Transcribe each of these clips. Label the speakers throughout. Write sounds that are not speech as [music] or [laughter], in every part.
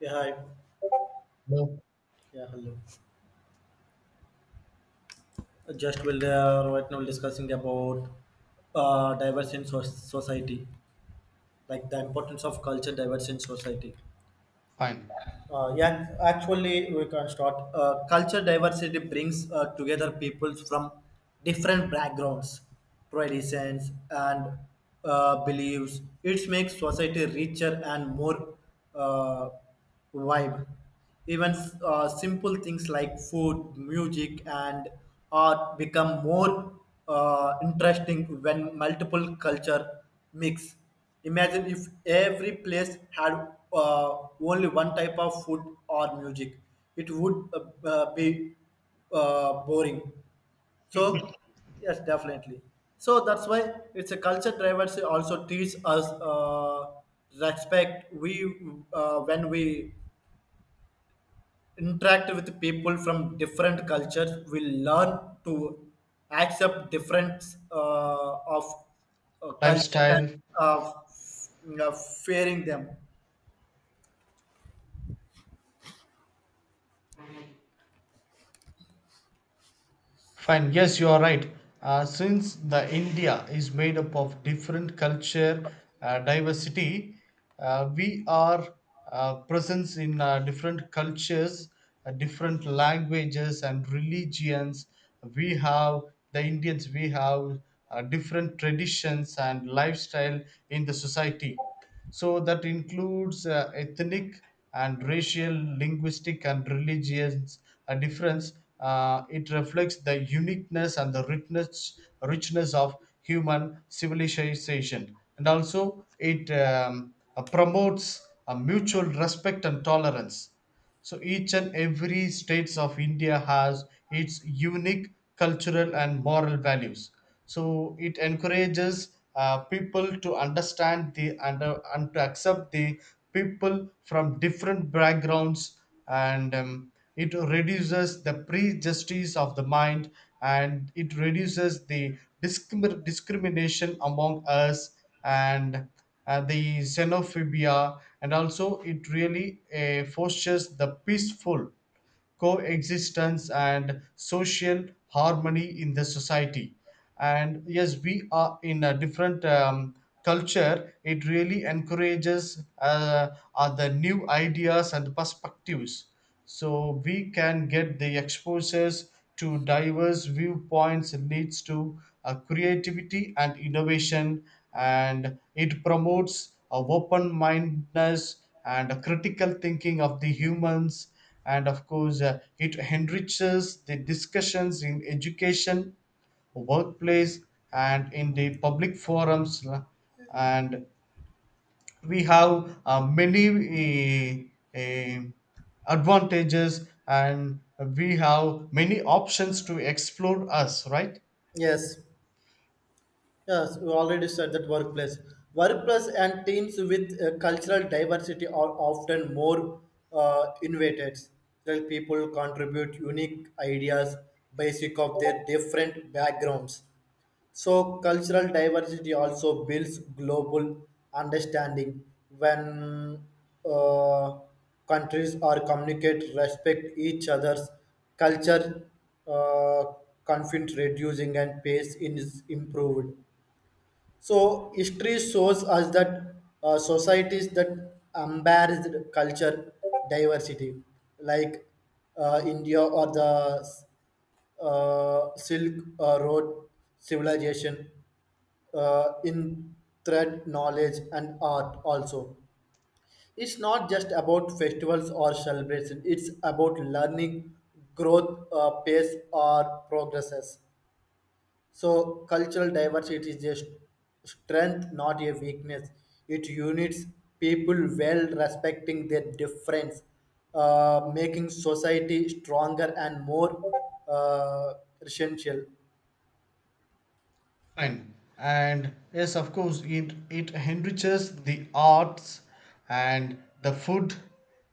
Speaker 1: Yeah, hi.
Speaker 2: No,
Speaker 1: Yeah, hello. Right now discussing about diverse in society, like the importance of culture diverse in society.
Speaker 2: fine.
Speaker 1: Yeah, Actually, we can start. Culture diversity brings together people from different backgrounds, traditions, and beliefs. It makes society richer and more uh, vibe. Even simple things like food, music, and art become more interesting when multiple culture mix. Imagine if every place had only one type of food or music, it would be boring. So,
Speaker 2: [laughs]
Speaker 1: yes, definitely. So that's why it's a culture drivers also teach us respect we when we interact with people from different cultures. We learn to accept difference of cultures and
Speaker 2: Lifestyle,
Speaker 1: uh, f- uh, fearing them.
Speaker 2: fine. Yes, you are right. Since the India is made up of different culture diversity, we are presence in different cultures, different languages and religions. We have the Indians. We have different traditions and lifestyle in the society. So that includes ethnic and racial, linguistic and religious difference. It reflects the uniqueness and the richness of human civilization. And also, it promotes a mutual respect and tolerance. So each and every states of India has its unique cultural and moral values. So it encourages people to understand the and to accept the people from different backgrounds, and it reduces the prejudices of the mind, and it reduces the discrimination among us, and the xenophobia, and also it really fosters the peaceful coexistence and social harmony in the society. And yes, we are in a different culture. It really encourages other new ideas and perspectives, so we can get the exposures to diverse viewpoints leads to creativity and innovation, and it promotes a open-mindedness and a critical thinking of the humans, and of course it enriches the discussions in education, workplace, and in the public forums and we have many advantages, and we have many options to explore us, right?
Speaker 1: Yes, yes, we already said that workplace. Workplace and teams with cultural diversity are often more innovated. That people contribute unique ideas basic of their different backgrounds. So, cultural diversity also builds global understanding when uh, countries or communicate respect each other's culture, uh, conflict reducing and peace is improved. So, history shows us that societies that embrace culture diversity, like India or the Silk Road civilization in thread knowledge and art. Also it's not just about festivals or celebration, it's about learning growth, pace or progresses. So cultural diversity is just strength not a weakness, it unites people well respecting their difference, making society stronger and more uh, essential.
Speaker 2: Fine. And yes, of course, it enriches the arts and the food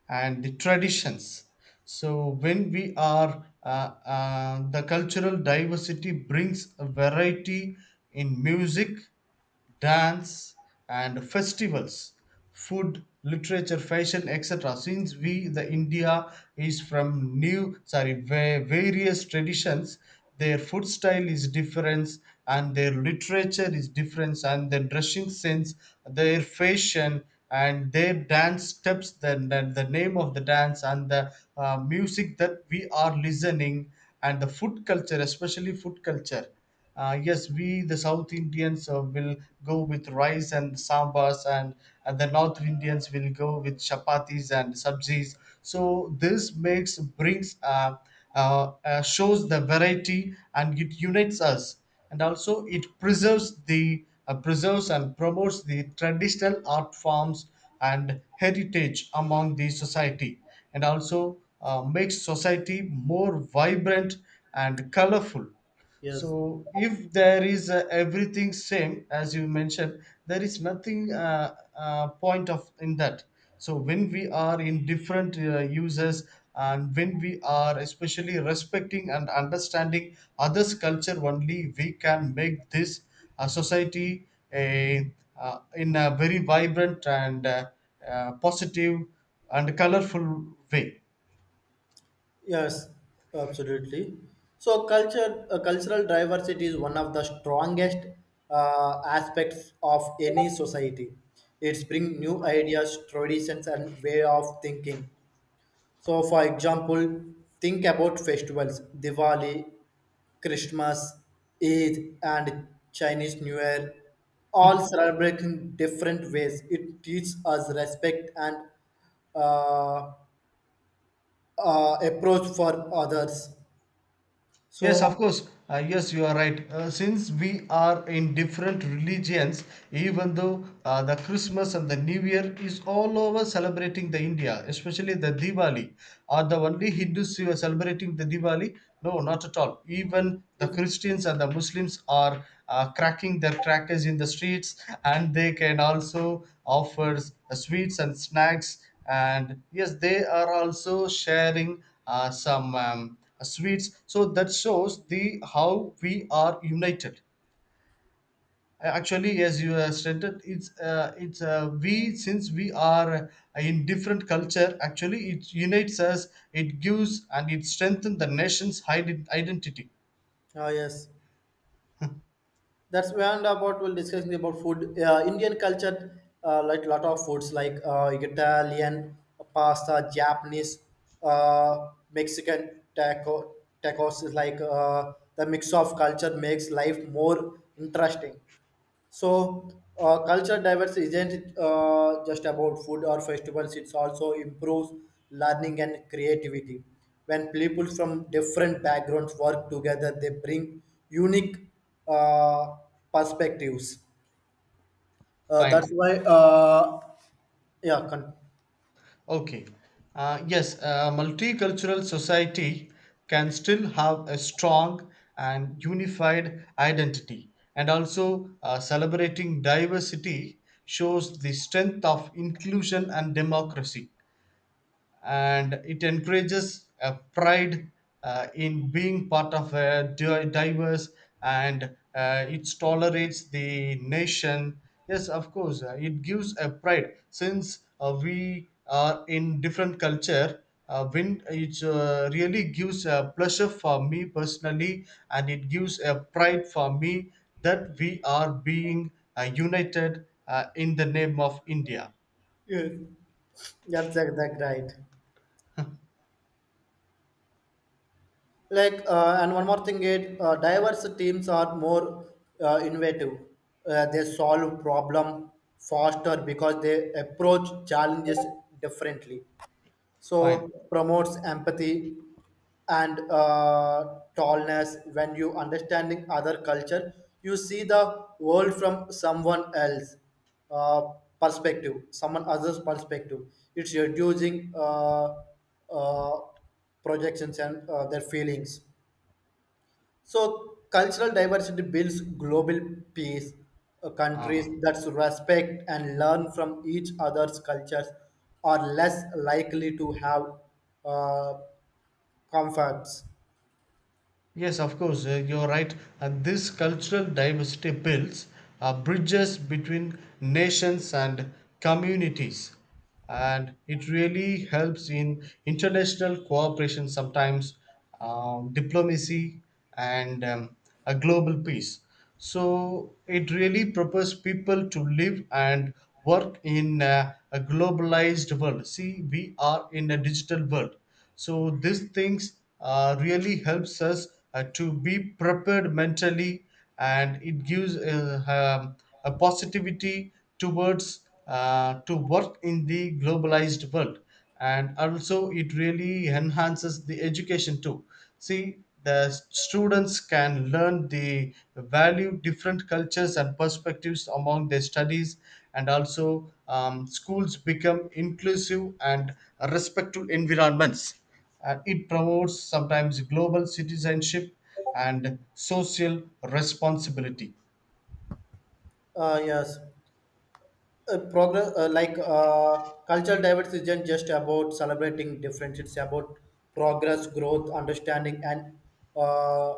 Speaker 2: and the traditions. So, when we are, the cultural diversity brings a variety in music, dance and festivals, food, literature, fashion, etc. Since we, the India, is from various traditions, their food style is different and their literature is different, and their dressing sense, their fashion, and their dance steps, the name of the dance and the music that we are listening, and the food culture, especially food culture. Yes, we the South Indians will go with rice and sambas, and the North Indians will go with chapatis and sabzis. So this makes brings shows the variety and it unites us, and also it preserves the preserves and promotes the traditional art forms and heritage among the society, and also makes society more vibrant and colorful.
Speaker 1: Yes.
Speaker 2: So if there is everything same as you mentioned, there is nothing point of in that. So when we are in different users, and when we are especially respecting and understanding others' culture only, we can make this society a in a very vibrant and positive and colorful way.
Speaker 1: Yes, absolutely. So cultural diversity is one of the strongest aspects of any society. It brings new ideas, traditions, and way of thinking. So, for example, think about festivals, Diwali, Christmas, Eid, and Chinese New Year, all
Speaker 2: [laughs]
Speaker 1: celebrate in different ways. It teaches us respect and uh, approach for others.
Speaker 2: Yes, of
Speaker 1: So,
Speaker 2: course. Yes, you are right. Since we are in different religions, even though the Christmas and the New Year is all over celebrating the India, especially the Diwali. Are the only Hindus who are celebrating the Diwali? No, not at all. Even the
Speaker 1: if
Speaker 2: Christians and the Muslims are cracking their crackers in the streets, and they can also offer sweets and snacks. And yes, they are also sharing some. Sweets, so that shows the how we are united. Actually, as you have stated, it's we since we are in different culture, actually it unites us. It gives, and it strengthens the nation's identity.
Speaker 1: ah yes, that's when about we'll discussing about food. Indian culture, like lot of foods like Italian pasta, Japanese, Mexican tacos is like the mix of culture makes life more interesting. So, culture diversity isn't just about food or festivals, it's also improves learning and creativity. When people from different backgrounds work together, they bring unique uh, perspectives. Uh, that's
Speaker 2: Fine.
Speaker 1: why, uh, yeah,
Speaker 2: Okay. Yes, a multicultural society can still have a strong and unified identity. And also, celebrating diversity shows the strength of inclusion and democracy, and it encourages a pride in being part of a diverse and it tolerates the nation. Yes, of course, it gives a pride, since we are in different culture. When it really gives a pleasure for me personally, and it gives a pride for me that we are being united in the name of india.
Speaker 1: yeah, that's exact right. Like and one more thing is diverse teams are more innovative, they solve problem faster because they approach challenges differently.
Speaker 2: Fine.
Speaker 1: So promotes empathy and tallness. When you understanding other culture you see the world from someone else uh, perspective, someone else's perspective. It's reducing uh, projections and their feelings. So cultural diversity builds global peace. Countries
Speaker 2: Ah.
Speaker 1: that respect and learn from each other's cultures are less likely to have uh, conflicts.
Speaker 2: Yes, of course, you're right. And this cultural diversity builds bridges between nations and communities. And it really helps in international cooperation sometimes, diplomacy, and a global peace. So it really prepares people to live and work in a globalized world. See, we are in a digital world, so these things really helps us to be prepared mentally, and it gives um, a positivity towards to work in the globalized world. And also it really enhances the education too. See, the students can learn the value different cultures and perspectives among their studies, and also schools become inclusive and respectful environments, and it promotes sometimes global citizenship and social responsibility.
Speaker 1: Yes. Progress like Cultural diversity isn't just about celebrating difference, it's about progress, growth, understanding, and uh,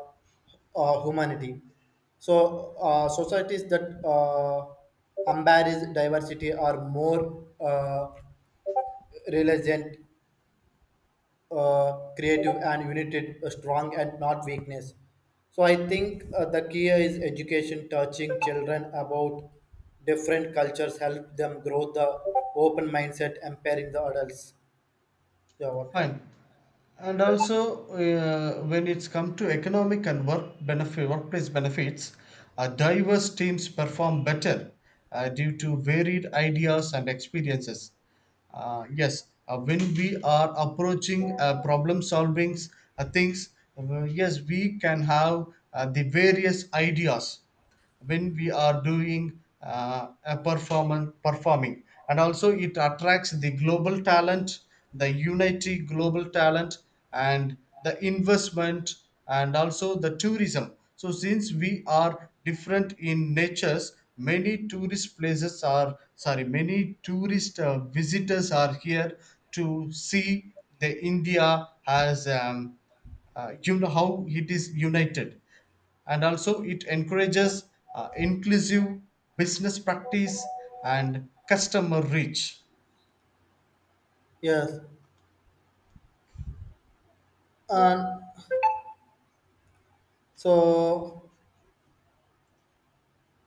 Speaker 1: humanity. So societies that embrace diversity are more resilient, creative and united, strong and not weakness. So I think the key is education, touching children about different cultures, help them grow the open mindset, empowering the adults. Yeah.
Speaker 2: Fine. And also when it's come to economic and work benefit workplace benefits, diverse teams perform better due to varied ideas and experiences. Yes, when we are approaching problem solving things, yes we can have the various ideas when we are doing a performance performing. And also it attracts the global talent, the unity global talent, and the investment, and also the tourism. So since we are different in natures, many tourist places are sorry, many tourist visitors are here to see the india as you know how it is united. And also it encourages inclusive business practice and customer reach.
Speaker 1: Yes. And so,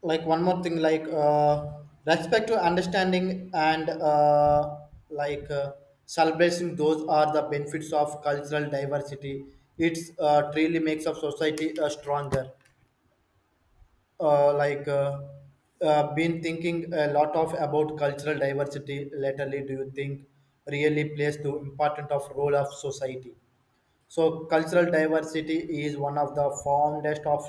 Speaker 1: like one more thing, like respect to understanding and like uh, celebrating, those are the benefits of cultural diversity. It's truly makes of society stronger. uh, like uh, been thinking a lot of about cultural diversity lately. Do you think really plays the important of role of society? So cultural diversity is one of the foundest of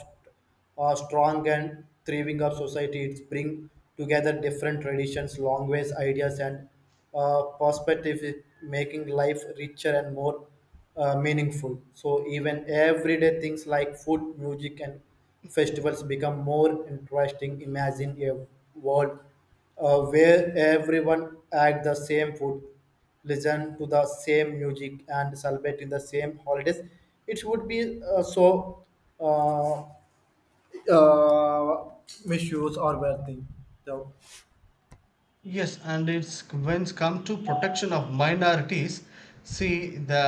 Speaker 1: a strong and thriving of society. It bring together different traditions, languages, ideas, and perspective, making life richer and more meaningful. So even everyday things like food, music, and festivals become more interesting. Imagine a world where everyone at the same food, listen to the same music and celebrate in the same holidays. It would be so uh, uh, misuse or worthy. So
Speaker 2: Yes, and it's when it's come to protection of minorities. See, the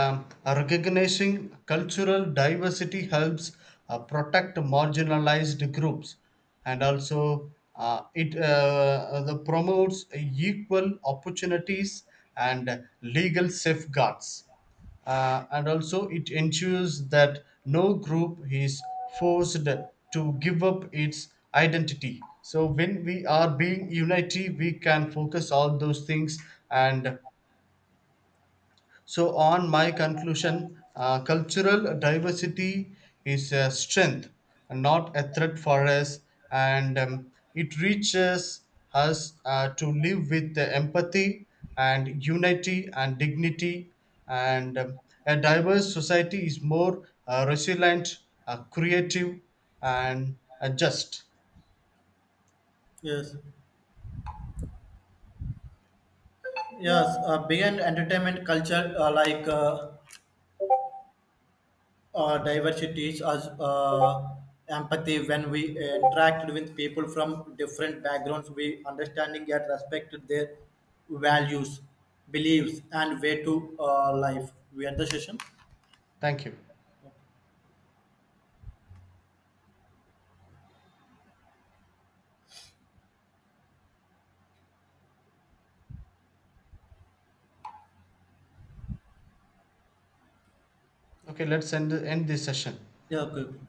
Speaker 2: recognizing cultural diversity helps protect marginalized groups, and also it the promotes equal opportunities and legal safeguards, and also it ensures that no group is forced to give up its identity. So when we are being unity, we can focus all those things. And so, on my conclusion, cultural diversity is a strength, and not a threat for us, and it reaches us to live with the empathy and unity and dignity. And a diverse society is more resilient, creative, and just.
Speaker 1: yes, yes. Beyond entertainment culture, diversity, is us empathy. When we interact with people from different backgrounds, we understanding and respect their values, beliefs, and way to life. We end the session.
Speaker 2: Thank you. Okay, let's end this session.
Speaker 1: Yeah. Okay.